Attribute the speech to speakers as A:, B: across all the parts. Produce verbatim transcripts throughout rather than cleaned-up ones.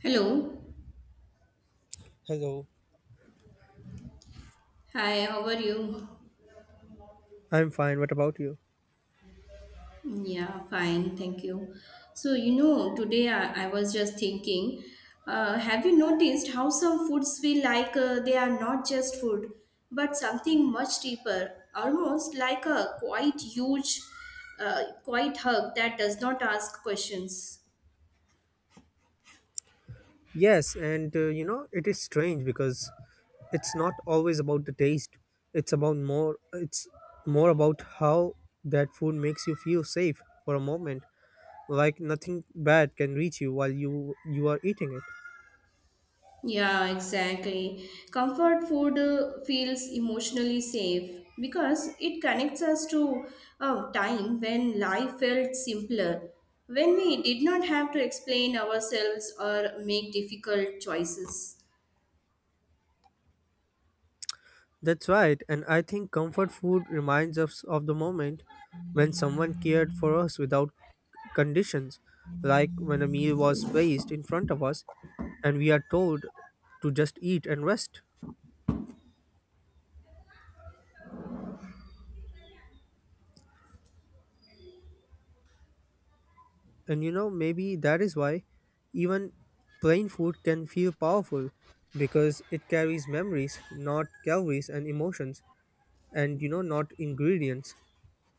A: Hello.
B: Hello.
A: Hi, how are you?
B: I'm fine. What about you?
A: Yeah, fine, thank you. So, you know, today I, I was just thinking, uh, have you noticed how some foods feel like uh, they are not just food, but something much deeper, almost like a quite huge, uh, quite hug that does not ask questions?
B: Yes, and uh, you know, it is strange because it's not always about the taste. It's about more it's more about how that food makes you feel safe for a moment, like nothing bad can reach you while you you are eating it.
A: Yeah, exactly. Comfort food uh, feels emotionally safe because it connects us to a time when life felt simpler, when we did not have to explain ourselves or make difficult choices.
B: That's right, and I think comfort food reminds us of the moment when someone cared for us without conditions, like when a meal was placed in front of us and we are told to just eat and rest. And you know, maybe that is why even plain food can feel powerful because it carries memories, not calories and emotions, and you know, not ingredients.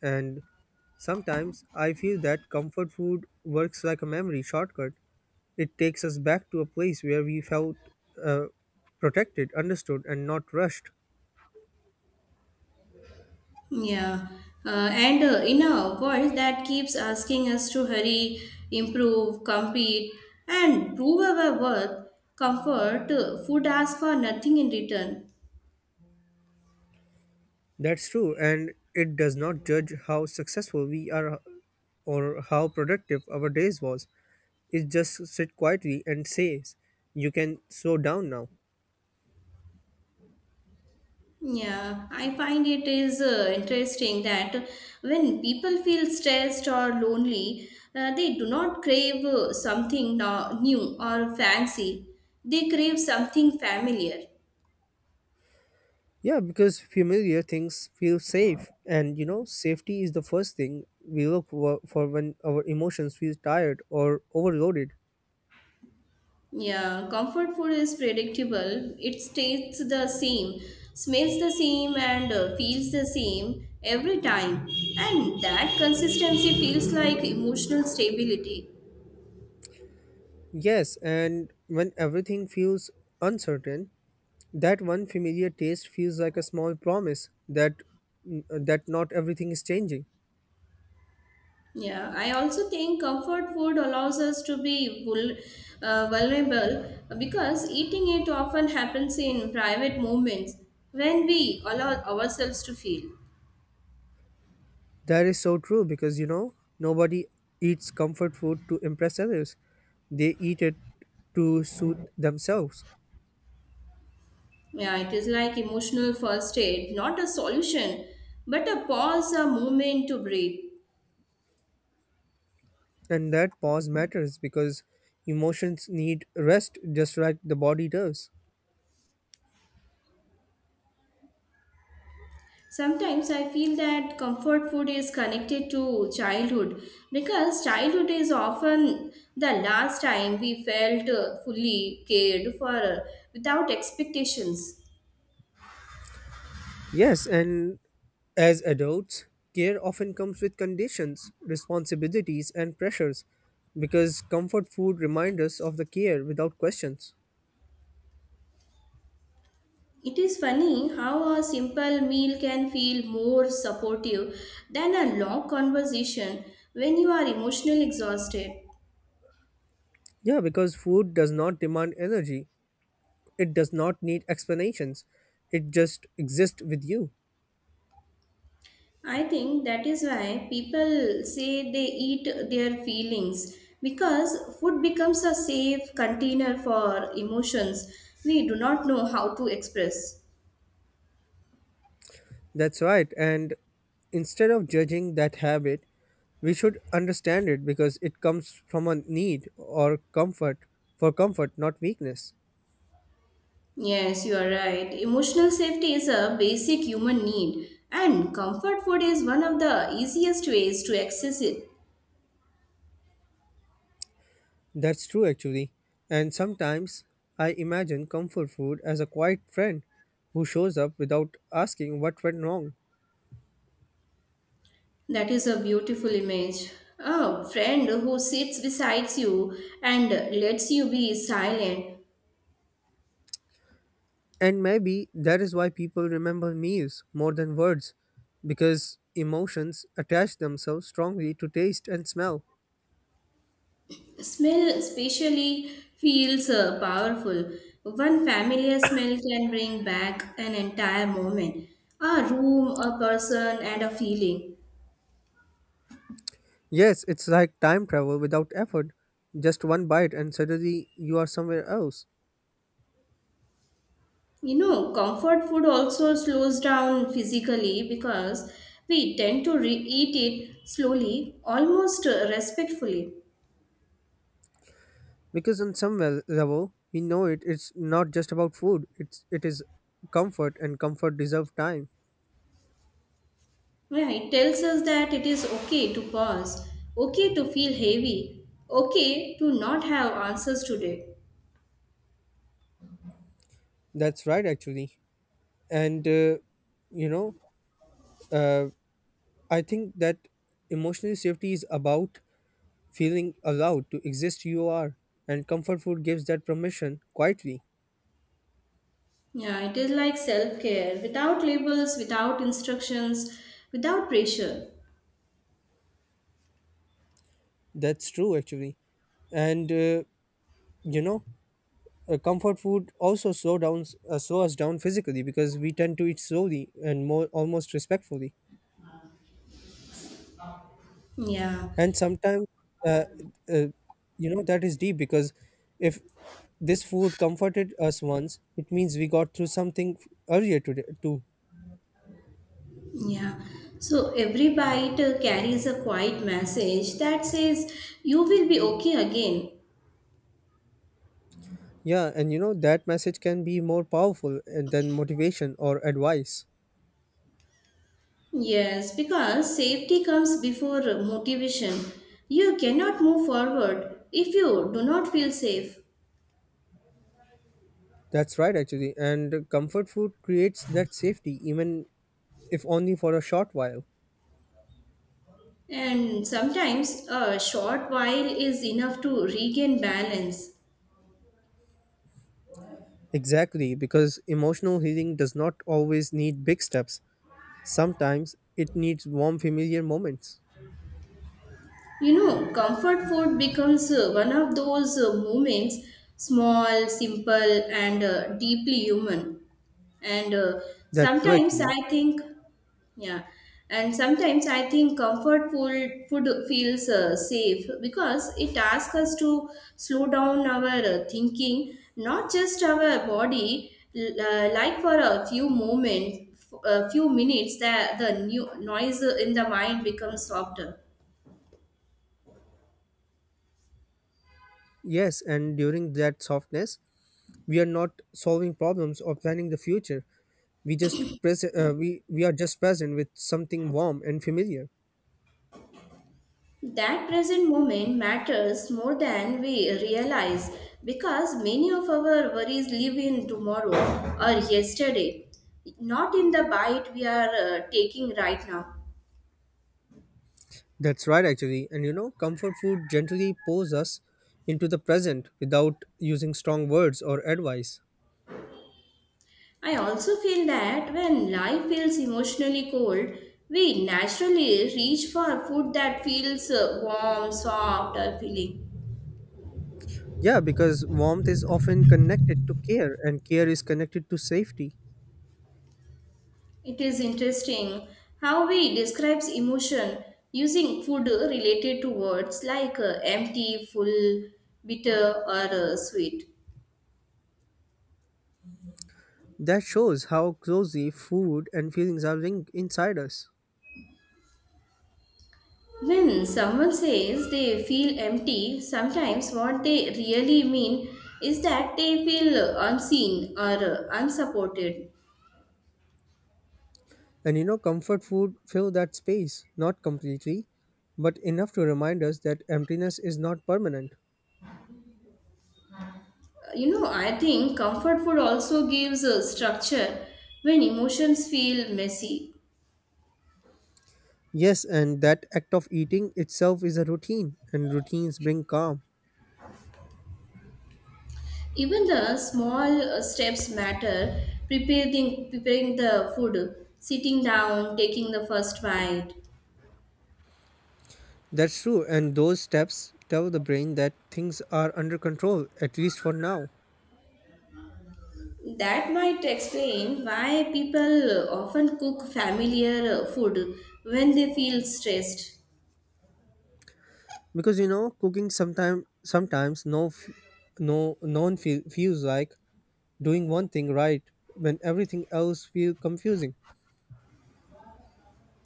B: And sometimes I feel that comfort food works like a memory shortcut. It takes us back to a place where we felt uh, protected, understood, and not rushed.
A: Yeah, uh, and uh, in a world that keeps asking us to hurry, improve, compete, and prove our worth, comfort, uh, food asks for nothing in return.
B: That's true, and it does not judge how successful we are or how productive our days was. It just sit quietly and says, "You can slow down now."
A: Yeah, I find it is uh, interesting that when people feel stressed or lonely, uh, they do not crave uh, something no- new or fancy. They crave something familiar.
B: Yeah, because familiar things feel safe, and you know, safety is the first thing we look for, for when our emotions feel tired or overloaded.
A: Yeah, comfort food is predictable. It tastes the same, smells the same, and uh, feels the same every time. And that consistency feels like emotional stability.
B: Yes, and when everything feels uncertain, that one familiar taste feels like a small promise that that not everything is changing.
A: Yeah, I also think comfort food allows us to be vul- uh, vulnerable because eating it often happens in private moments when we allow ourselves to feel.
B: That is so true because you know nobody eats comfort food to impress others. They eat it to soothe themselves.
A: Yeah, it is like emotional first aid, not a solution, but a pause, a moment to breathe.
B: And that pause matters because emotions need rest just like the body does.
A: Sometimes I feel that comfort food is connected to childhood because childhood is often the last time we felt uh, fully cared for uh, without expectations.
B: Yes, and as adults, care often comes with conditions, responsibilities, and pressures because comfort food reminds us of the care without questions.
A: It is funny how a simple meal can feel more supportive than a long conversation when you are emotionally exhausted.
B: Yeah, because food does not demand energy. It does not need explanations. It just exists with you.
A: I think that is why people say they eat their feelings because food becomes a safe container for emotions we do not know how to express.
B: That's right. And instead of judging that habit, we should understand it because it comes from a need or comfort for comfort, not weakness.
A: Yes, you are right. Emotional safety is a basic human need, and comfort food is one of the easiest ways to access it.
B: That's true, actually. And sometimes I imagine comfort food as a quiet friend who shows up without asking what went wrong.
A: That is a beautiful image. A friend who sits beside you and lets you be silent.
B: And maybe that is why people remember meals more than words, because emotions attach themselves strongly to taste and smell.
A: Smell especially feels uh, powerful. One familiar smell can bring back an entire moment, a room, a person, and a feeling.
B: Yes, it's like time travel without effort. Just one bite, and suddenly you are somewhere else.
A: You know, comfort food also slows down physically because we tend to re- eat it slowly, almost uh, respectfully.
B: Because on some wel- level, we know it. It's not just about food. It's it is comfort, and comfort deserve time.
A: Yeah, it tells us that it is okay to pause, okay to feel heavy, okay to not have answers today.
B: That's right, actually. And uh, you know, uh, I think that emotional safety is about feeling allowed to exist you are, and comfort food gives that permission quietly.
A: Yeah, it is like self care without labels, without instructions, without pressure.
B: That's true, actually. And uh, you know, uh, comfort food also slow down uh, slow us down physically because we tend to eat slowly and more almost respectfully.
A: Yeah,
B: And sometimes, uh, uh, you know, that is deep because if this food comforted us once, it means we got through something earlier today too.
A: yeah. So every bite uh, carries a quiet message that says, "You will be okay again."
B: Yeah, and you know that message can be more powerful uh, than motivation or advice.
A: Yes, because safety comes before uh, motivation. You cannot move forward if you do not feel safe.
B: That's right, actually. And comfort food creates that safety, even if only for a short while.
A: And sometimes a short while is enough to regain balance.
B: Exactly, because emotional healing does not always need big steps. Sometimes it needs warm, familiar moments.
A: You know, comfort food becomes uh, one of those uh, moments, small, simple, and uh, deeply human. And uh,
B: That's true,
A: sometimes
B: actually.
A: I think, yeah, and sometimes I think comfort food, food feels uh, safe because it asks us to slow down our uh, thinking, not just our body, l- uh, like for a few moments, a few minutes, that the new noise in the mind becomes softer.
B: Yes, and during that softness, we are not solving problems or planning the future. We just present. Uh, we we are just present with something warm and familiar.
A: That present moment matters more than we realize because many of our worries live in tomorrow or yesterday, not in the bite we are uh, taking right now.
B: That's right, actually. And you know, comfort food gently pulls us into the present without using strong words or advice.
A: I also feel that when life feels emotionally cold, we naturally reach for food that feels uh, warm, soft, or filling.
B: Yeah, because warmth is often connected to care, and care is connected to safety.
A: It is interesting how we describes emotion using food related to words like uh, empty, full, bitter, or uh, sweet.
B: That shows how closely food and feelings are linked inside us.
A: When someone says they feel empty, sometimes what they really mean is that they feel unseen or uh, unsupported.
B: And you know, comfort food fill that space, not completely, but enough to remind us that emptiness is not permanent.
A: You know, I think comfort food also gives a structure when emotions feel messy.
B: Yes, and that act of eating itself is a routine, and routines bring calm.
A: Even the small uh, steps matter, preparing preparing the food, sitting down, taking the first bite.
B: That's true, and those steps tell the brain that things are under control, at least for now.
A: That might explain why people uh, often cook familiar uh, food when they feel stressed.
B: Because you know, cooking sometimes sometimes no f- no no one feel, feels like doing one thing right when everything else feel confusing.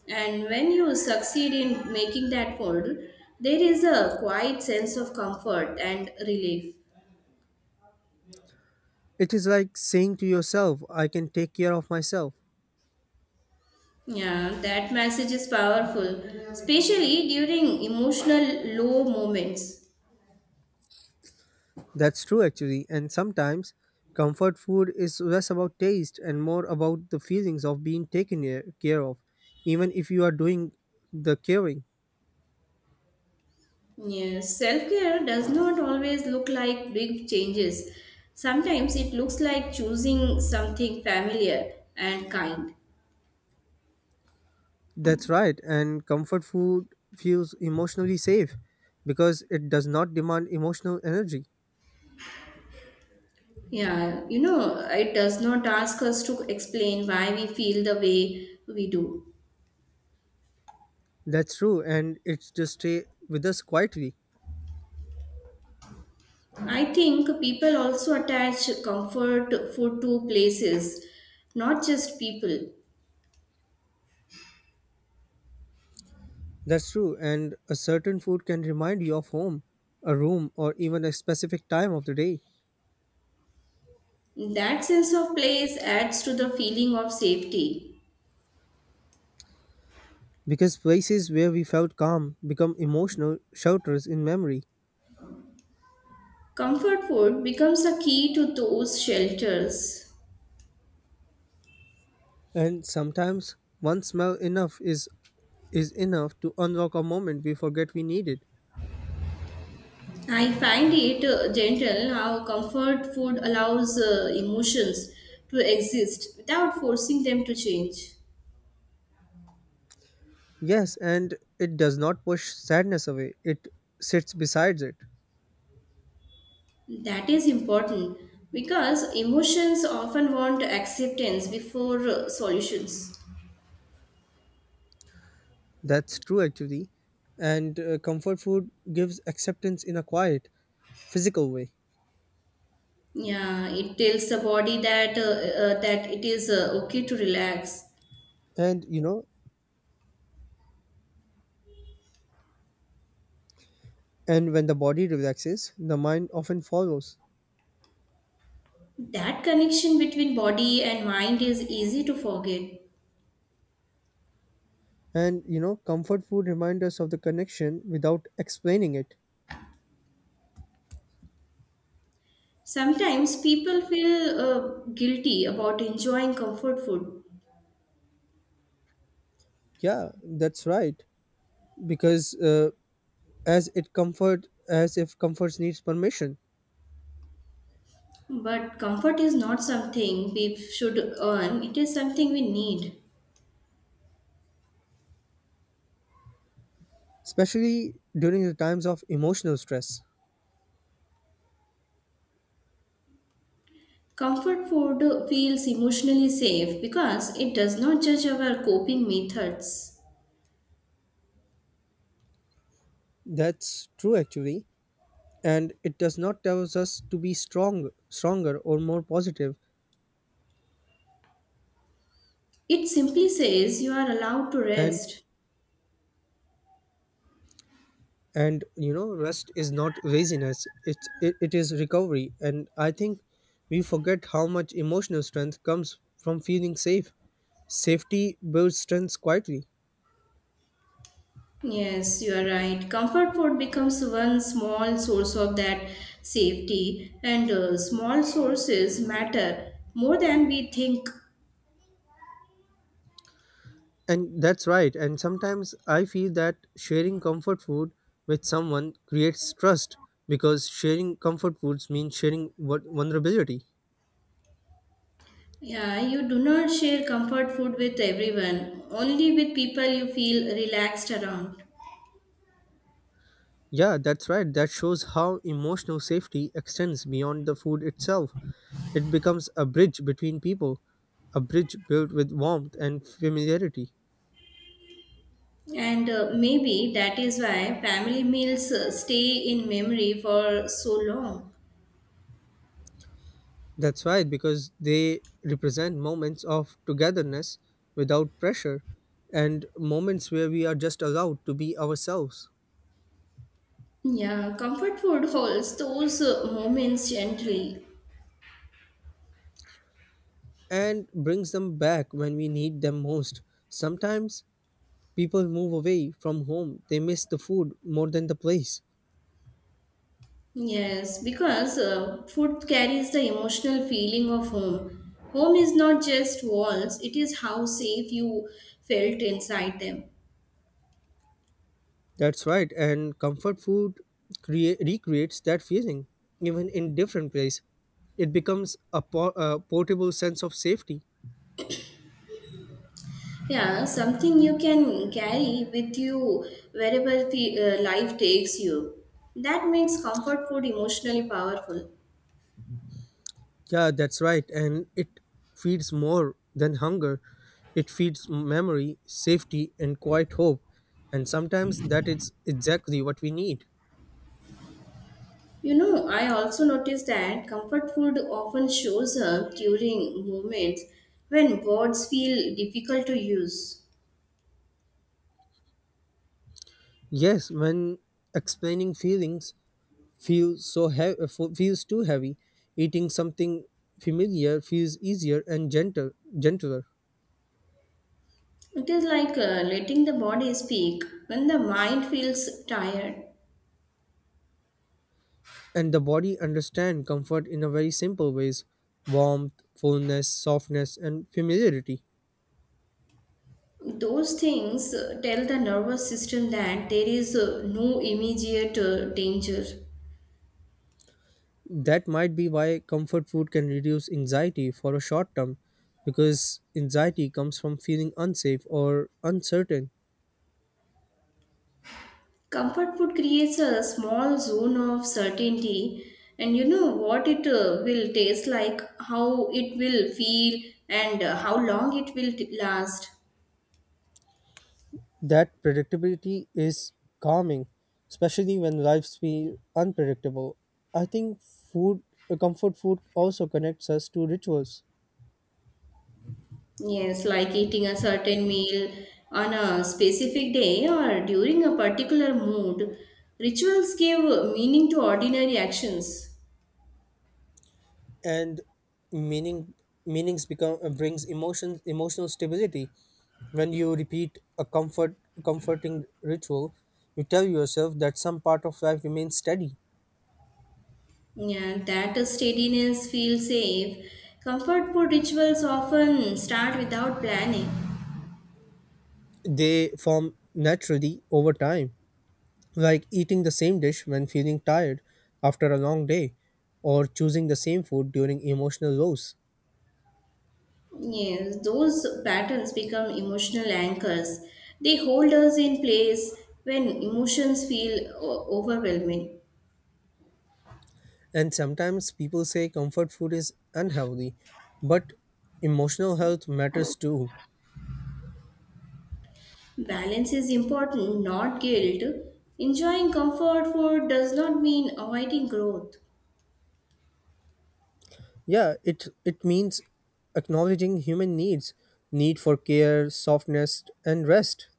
A: And when you succeed in making that food, there is a quiet sense of comfort and relief.
B: It is like saying to yourself, "I can take care of myself."
A: Yeah, that message is powerful, especially during emotional low moments.
B: That's true actually, and sometimes comfort food is less about taste and more about the feelings of being taken care care of, even if you are doing the caring.
A: Yes, self care does not always look like big changes. Sometimes it looks like choosing something familiar and kind.
B: That's right, and comfort food feels emotionally safe because it does not demand emotional energy.
A: Yeah, you know, it does not ask us to explain why we feel the way we do.
B: That's true, and it just stay with us quietly.
A: I think people also attach comfort food to places, not just people.
B: That's true, and a certain food can remind you of home, a room, or even a specific time of the day.
A: That sense of place adds to the feeling of safety.
B: Because places where we felt calm become emotional shelters in memory,
A: Comfort food becomes a key to those shelters.
B: and sometimes one smell enough is is enough to unlock a moment we forget we needed.
A: I find it uh, gentle how comfort food allows uh, emotions to exist without forcing them to change.
B: Yes, and it does not push sadness away, it sits besides it.
A: That is important because emotions often want acceptance before uh, solutions.
B: That's true, actually. And uh, comfort food gives acceptance in a quiet, physical way.
A: Yeah, it tells the body that uh, uh, that it is uh, okay to relax.
B: And you know, and when the body relaxes, the mind often follows.
A: That connection between body and mind is easy to forget.
B: And you know, comfort food reminds us of the connection without explaining it.
A: Sometimes people feel uh, guilty about enjoying comfort food.
B: Yeah, that's right. Because uh, as it comfort, as if comforts needs permission,
A: But comfort is not something we should earn, it is something we need.
B: especially during the times of emotional stress.
A: Comfort food feels emotionally safe because it does not judge our coping methods.
B: That's true, actually, and it does not tell us to be strong stronger or more positive positive.
A: It simply says you are allowed to
B: and
A: rest.
B: and you know rest is not laziness, it, it it is recovery. And I think we forget how much emotional strength comes from feeling safe. Safety builds strength quietly.
A: Yes, you are right. Comfort food becomes one small source of that safety, and uh, small sources matter more than we think.
B: And that's right, and sometimes I feel that sharing comfort food with someone creates trust, because sharing comfort foods means sharing vul- vulnerability.
A: Yeah, you do not share comfort food with everyone, only with people you feel relaxed around.
B: Yeah, that's right. That shows how emotional safety extends beyond the food itself. It becomes a bridge between people, a bridge built with warmth and familiarity.
A: And uh, maybe that is why family meals uh, stay in memory for so long.
B: That's right, because they represent moments of togetherness without pressure, and moments where we are just allowed to be ourselves,
A: Yeah, comfort food holds those uh, moments gently.
B: and brings them back when we need them most. Sometimes people move away from home, they miss the food more than the place.
A: Yes, because uh, food carries the emotional feeling of home. Home is not just walls, it is how safe you felt inside them.
B: That's right, and comfort food crea- recreates that feeling, even in different place. It becomes a, po- a portable sense of safety.
A: Yeah, something you can carry with you wherever the, uh, life takes you. That makes comfort food emotionally powerful.
B: Yeah, that's right, and it feeds more than hunger. It feeds memory, safety, and quiet hope, and sometimes that is exactly what we need.
A: You know, I also noticed that comfort food often shows up during moments when words feel difficult to use.
B: Yes, when explaining feelings feels so heavy, feels too heavy, eating something familiar feels easier and gentle, gentler.
A: It is like uh, letting the body speak when the mind feels tired.
B: And the body understand comfort in a very simple ways: warmth, fullness, softness, and familiarity.
A: Those things uh, tell the nervous system that there is uh, no immediate uh, danger.
B: That might be why comfort food can reduce anxiety for a short term, because anxiety comes from feeling unsafe or uncertain.
A: Comfort food creates a small zone of certainty, and you know what it uh, will taste like, how it will feel, and uh, how long it will t- last.
B: That predictability is calming, especially when lives feel unpredictable. I think food uh, comfort food also connects us to rituals.
A: Yes, like eating a certain meal on a specific day or during a particular mood. Rituals give meaning to ordinary actions.
B: And meaning meanings become uh, brings emotions emotional stability. When you repeat a comfort comforting ritual, you tell yourself that some part of life remains steady.
A: Yeah, that steadiness feels safe. Comfort food rituals often start without planning.
B: They form naturally over time, like eating the same dish when feeling tired after a long day, or choosing the same food during emotional lows.
A: Yes, those patterns become emotional anchors. They hold us in place when emotions feel o- overwhelming.
B: And sometimes people say comfort food is unhealthy, but emotional health matters too.
A: Balance is important, not guilt. Enjoying comfort food does not mean avoiding growth.
B: Yeah, it it means acknowledging human needs, need for care, softness, and rest.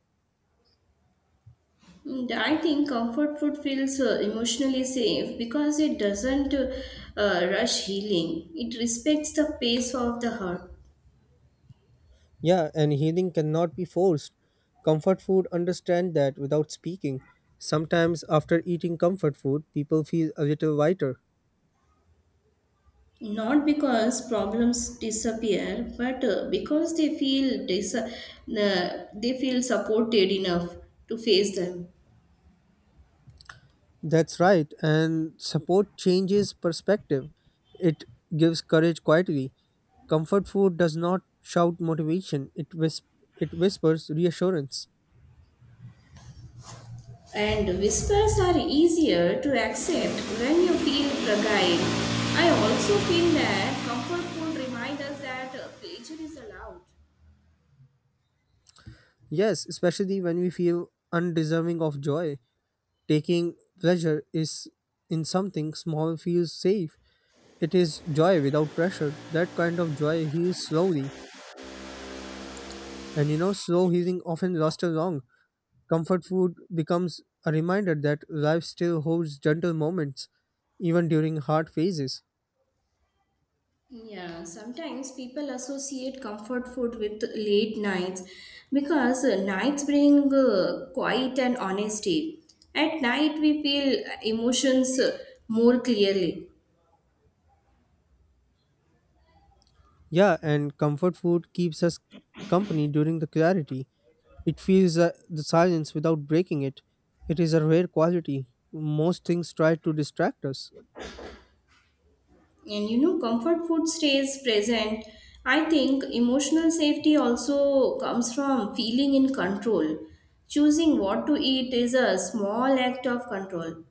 A: And I think comfort food feels uh, emotionally safe because it doesn't uh, uh, rush healing. It respects the pace of the heart.
B: Yeah, and healing cannot be forced. Comfort food understand that without speaking. Sometimes after eating comfort food, people feel a little lighter.
A: Not because problems disappear, but uh, because they feel dis- uh, they feel supported enough to face them.
B: That's right, and support changes perspective. It gives courage quietly. Comfort food does not shout motivation, it, whis- it whispers reassurance.
A: And whispers are easier to accept when you feel fragile. I also feel that comfort food reminds us that uh, pleasure is allowed.
B: Yes, especially when we feel undeserving of joy. Taking pleasure is in something small feels safe. It is joy without pressure. That kind of joy heals slowly. And you know, slow healing often lasts too long. Comfort food becomes a reminder that life still holds gentle moments, even during hard phases.
A: Yeah, sometimes people associate comfort food with late nights because uh, nights bring uh, quiet and honesty. At night, we feel emotions uh, more clearly.
B: Yeah, and comfort food keeps us company during the clarity. It feels uh, the silence without breaking it. It is a rare quality. Most things try to distract us.
A: And you know, comfort food stays present. I think emotional safety also comes from feeling in control. Choosing what to eat is a small act of control.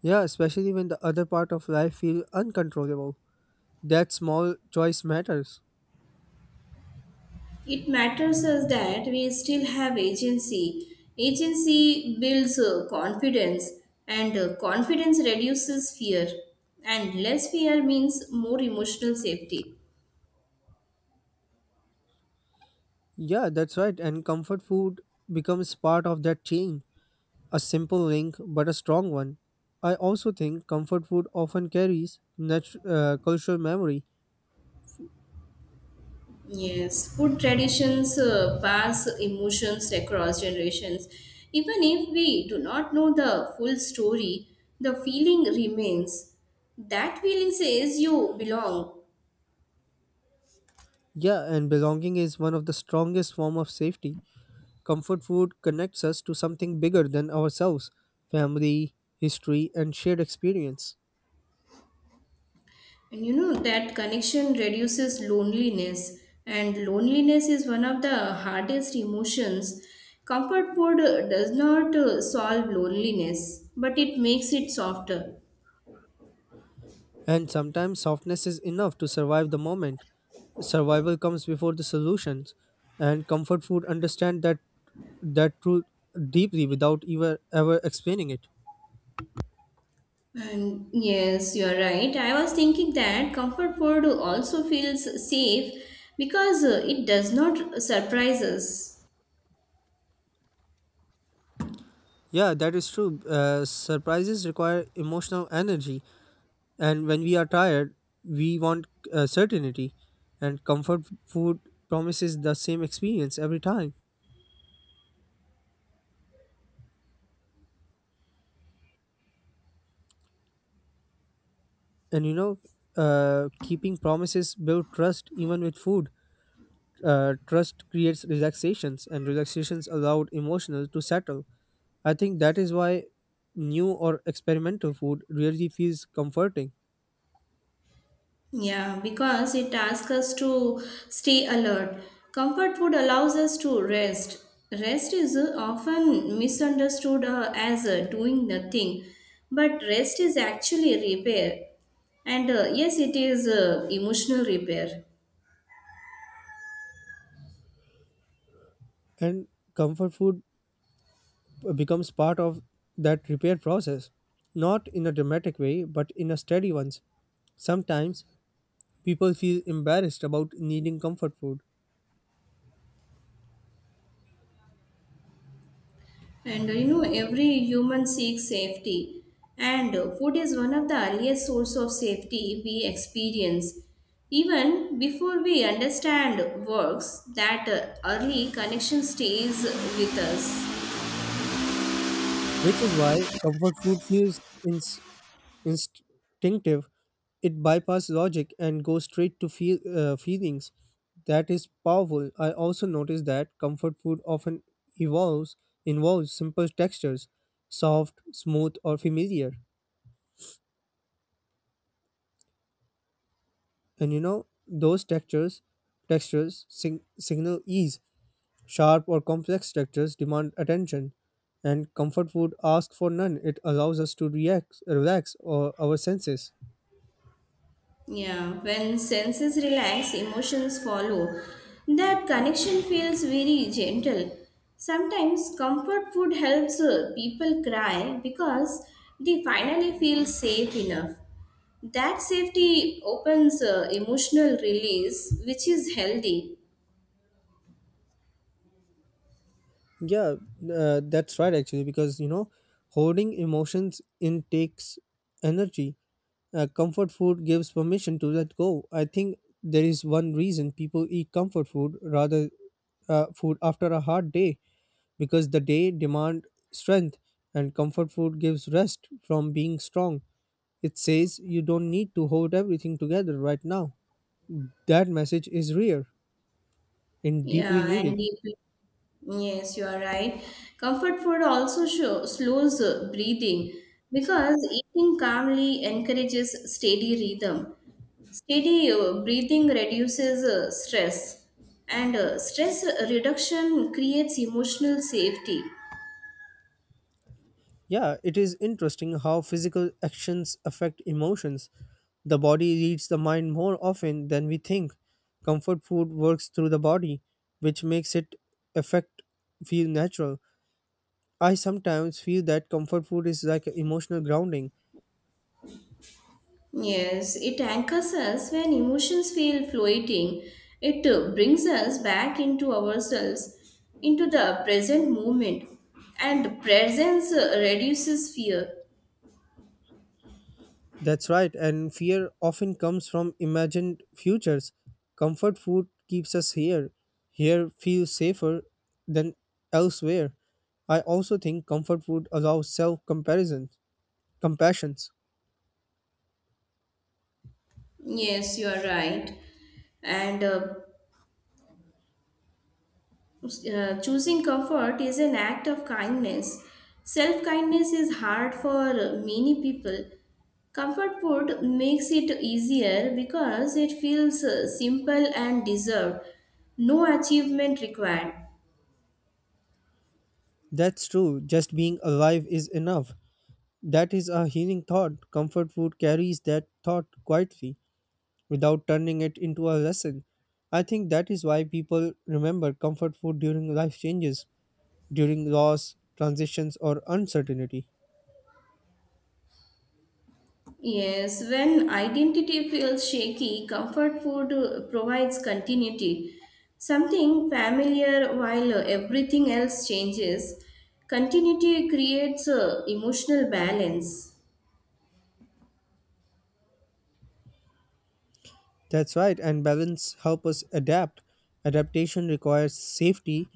B: Yeah, especially when the other part of life feel uncontrollable. That small choice matters.
A: It matters us that we still have agency. Agency builds uh, confidence, and uh, confidence reduces fear. And less fear means more emotional safety.
B: Yeah, that's right. And comfort food becomes part of that chain. A simple link, but a strong one. I also think comfort food often carries nat- uh, cultural memory.
A: Yes, food traditions uh, pass emotions across generations. Even if we do not know the full story, the feeling remains. That feeling says you belong.
B: Yeah, and belonging is one of the strongest form of safety. Comfort food connects us to something bigger than ourselves: family, history, and shared experience.
A: And you know that connection reduces loneliness, and loneliness is one of the hardest emotions. Comfort food uh, does not uh, solve loneliness, but it makes it softer.
B: And sometimes softness is enough to survive the moment. Survival comes before the solutions, and comfort food understand that that truth deeply without ever ever explaining it.
A: And yes, you are right. I was thinking that comfort food also feels safe because uh, it does not surprise us.
B: Yeah, that is true. Uh, surprises require emotional energy, and when we are tired, we want uh, certainty, and comfort food promises the same experience every time. And you know, uh, keeping promises build trust even with food. Uh, trust creates relaxations, and relaxations allowed emotional to settle. I think that is why new or experimental food really feels comforting.
A: Yeah, because it asks us to stay alert. Comfort food allows us to rest. Rest is uh, often misunderstood uh, as uh, doing nothing, but rest is actually repair. And uh, Yes, it is uh, emotional repair.
B: And comfort food becomes part of that repair process, not in a dramatic way but in a steady one. Sometimes people feel embarrassed about needing comfort food,
A: And uh, you know, every human seeks safety, and uh, food is one of the earliest source of safety we experience. Even before we understand works, that uh, early connection stays with us.
B: which is why comfort food feels in instinctive. It bypasses logic and goes straight to feel, uh, feelings. That is powerful. I also noticed that comfort food often evolves involves simple textures, soft, smooth, or familiar. And you know those textures, textures sig- signal ease. Sharp or complex textures demand attention, and comfort food asks for none. It allows us to react, relax, or our senses.
A: Yeah, when senses relax, emotions follow. That connection feels very gentle. Sometimes comfort food helps uh, people cry because they finally feel safe enough. That safety opens uh, emotional release, which is healthy.
B: Yeah, uh, that's right actually, because you know holding emotions in takes energy. Uh, comfort food gives permission to let go. I think there is one reason people eat comfort food rather uh, food after a hard day, because the day demand strength and comfort food gives rest from being strong. It says you don't need to hold everything together right now. That message is rare and deeply
A: Yeah, and
B: needed.
A: the- yes, you are right. Comfort food also show, slows uh, breathing because eating calmly encourages steady rhythm. Steady uh, breathing reduces uh, stress, and uh, stress reduction creates emotional safety.
B: Yeah, it is interesting how physical actions affect emotions. The body reads the mind more often than we think. Comfort food works through the body, which makes it affect feel natural. I sometimes feel that comfort food is like emotional grounding.
A: Yes, it anchors us when emotions feel floating. It uh, brings us back into ourselves, into the present moment, and presence uh, reduces fear.
B: That's right, and fear often comes from imagined futures. Comfort food keeps us here. Here feels safer than elsewhere. I also think comfort food allows self comparison. Compassions.
A: Yes, you are right. And uh, uh, choosing comfort is an act of kindness. Self kindness is hard for many people. Comfort food makes it easier because it feels uh, simple and deserved. No achievement required.
B: That's true. Just being alive is enough. That is a healing thought. Comfort food carries that thought quietly without turning it into a lesson. I think that is why people remember comfort food during life changes, during loss, transitions, or uncertainty.
A: Yes, when identity feels shaky, comfort food uh, provides continuity. Something familiar while uh, everything else changes. Continuity creates uh, emotional balance.
B: That's right, and balance help us adapt. Adaptation requires safety.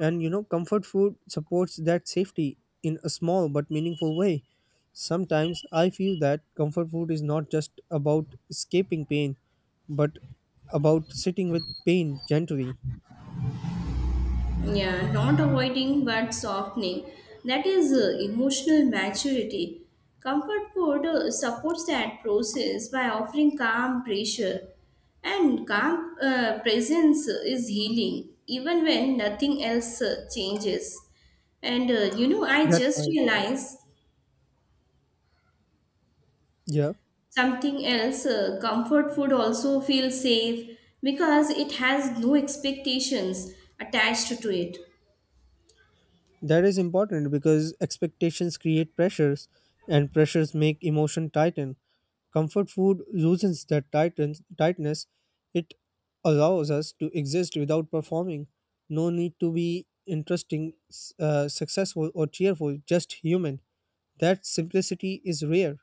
B: And you know, comfort food supports that safety in a small but meaningful way. Sometimes I feel that comfort food is not just about escaping pain, but about sitting with pain gently.
A: Yeah, not avoiding but softening. That is uh, emotional maturity. Comfort food uh, supports that process by offering calm pressure. And calm uh, presence is healing, even when nothing else uh, changes. And uh, you know, I
B: That
A: just
B: right.
A: realized
B: Yeah.
A: something else, uh, comfort food also feels safe because it has no expectations attached to it.
B: That is important because expectations create pressures, and pressures make emotion tighten. Comfort food loosens that tighten, tightness. It allows us to exist without performing. No need to be interesting, s- uh, successful, or cheerful, just human. That simplicity is rare.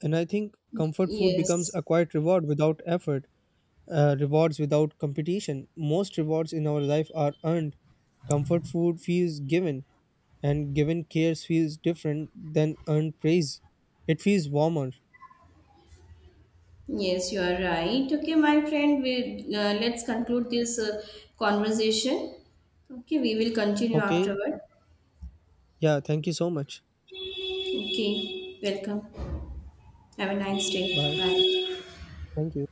B: And I think comfort food becomes
A: Yes.
B: a quiet reward without effort. Uh, rewards without competition. Most rewards in our life are earned. Comfort food feels given, and given cares feels different than earned praise. It feels warmer.
A: Yes, you are right. Okay, my friend, we, uh, let's conclude this uh, conversation. Okay, we will continue
B: Okay.
A: afterward.
B: Yeah. Thank you so much.
A: Okay, welcome. Have a nice day.
B: Bye.
A: Bye.
B: Thank you.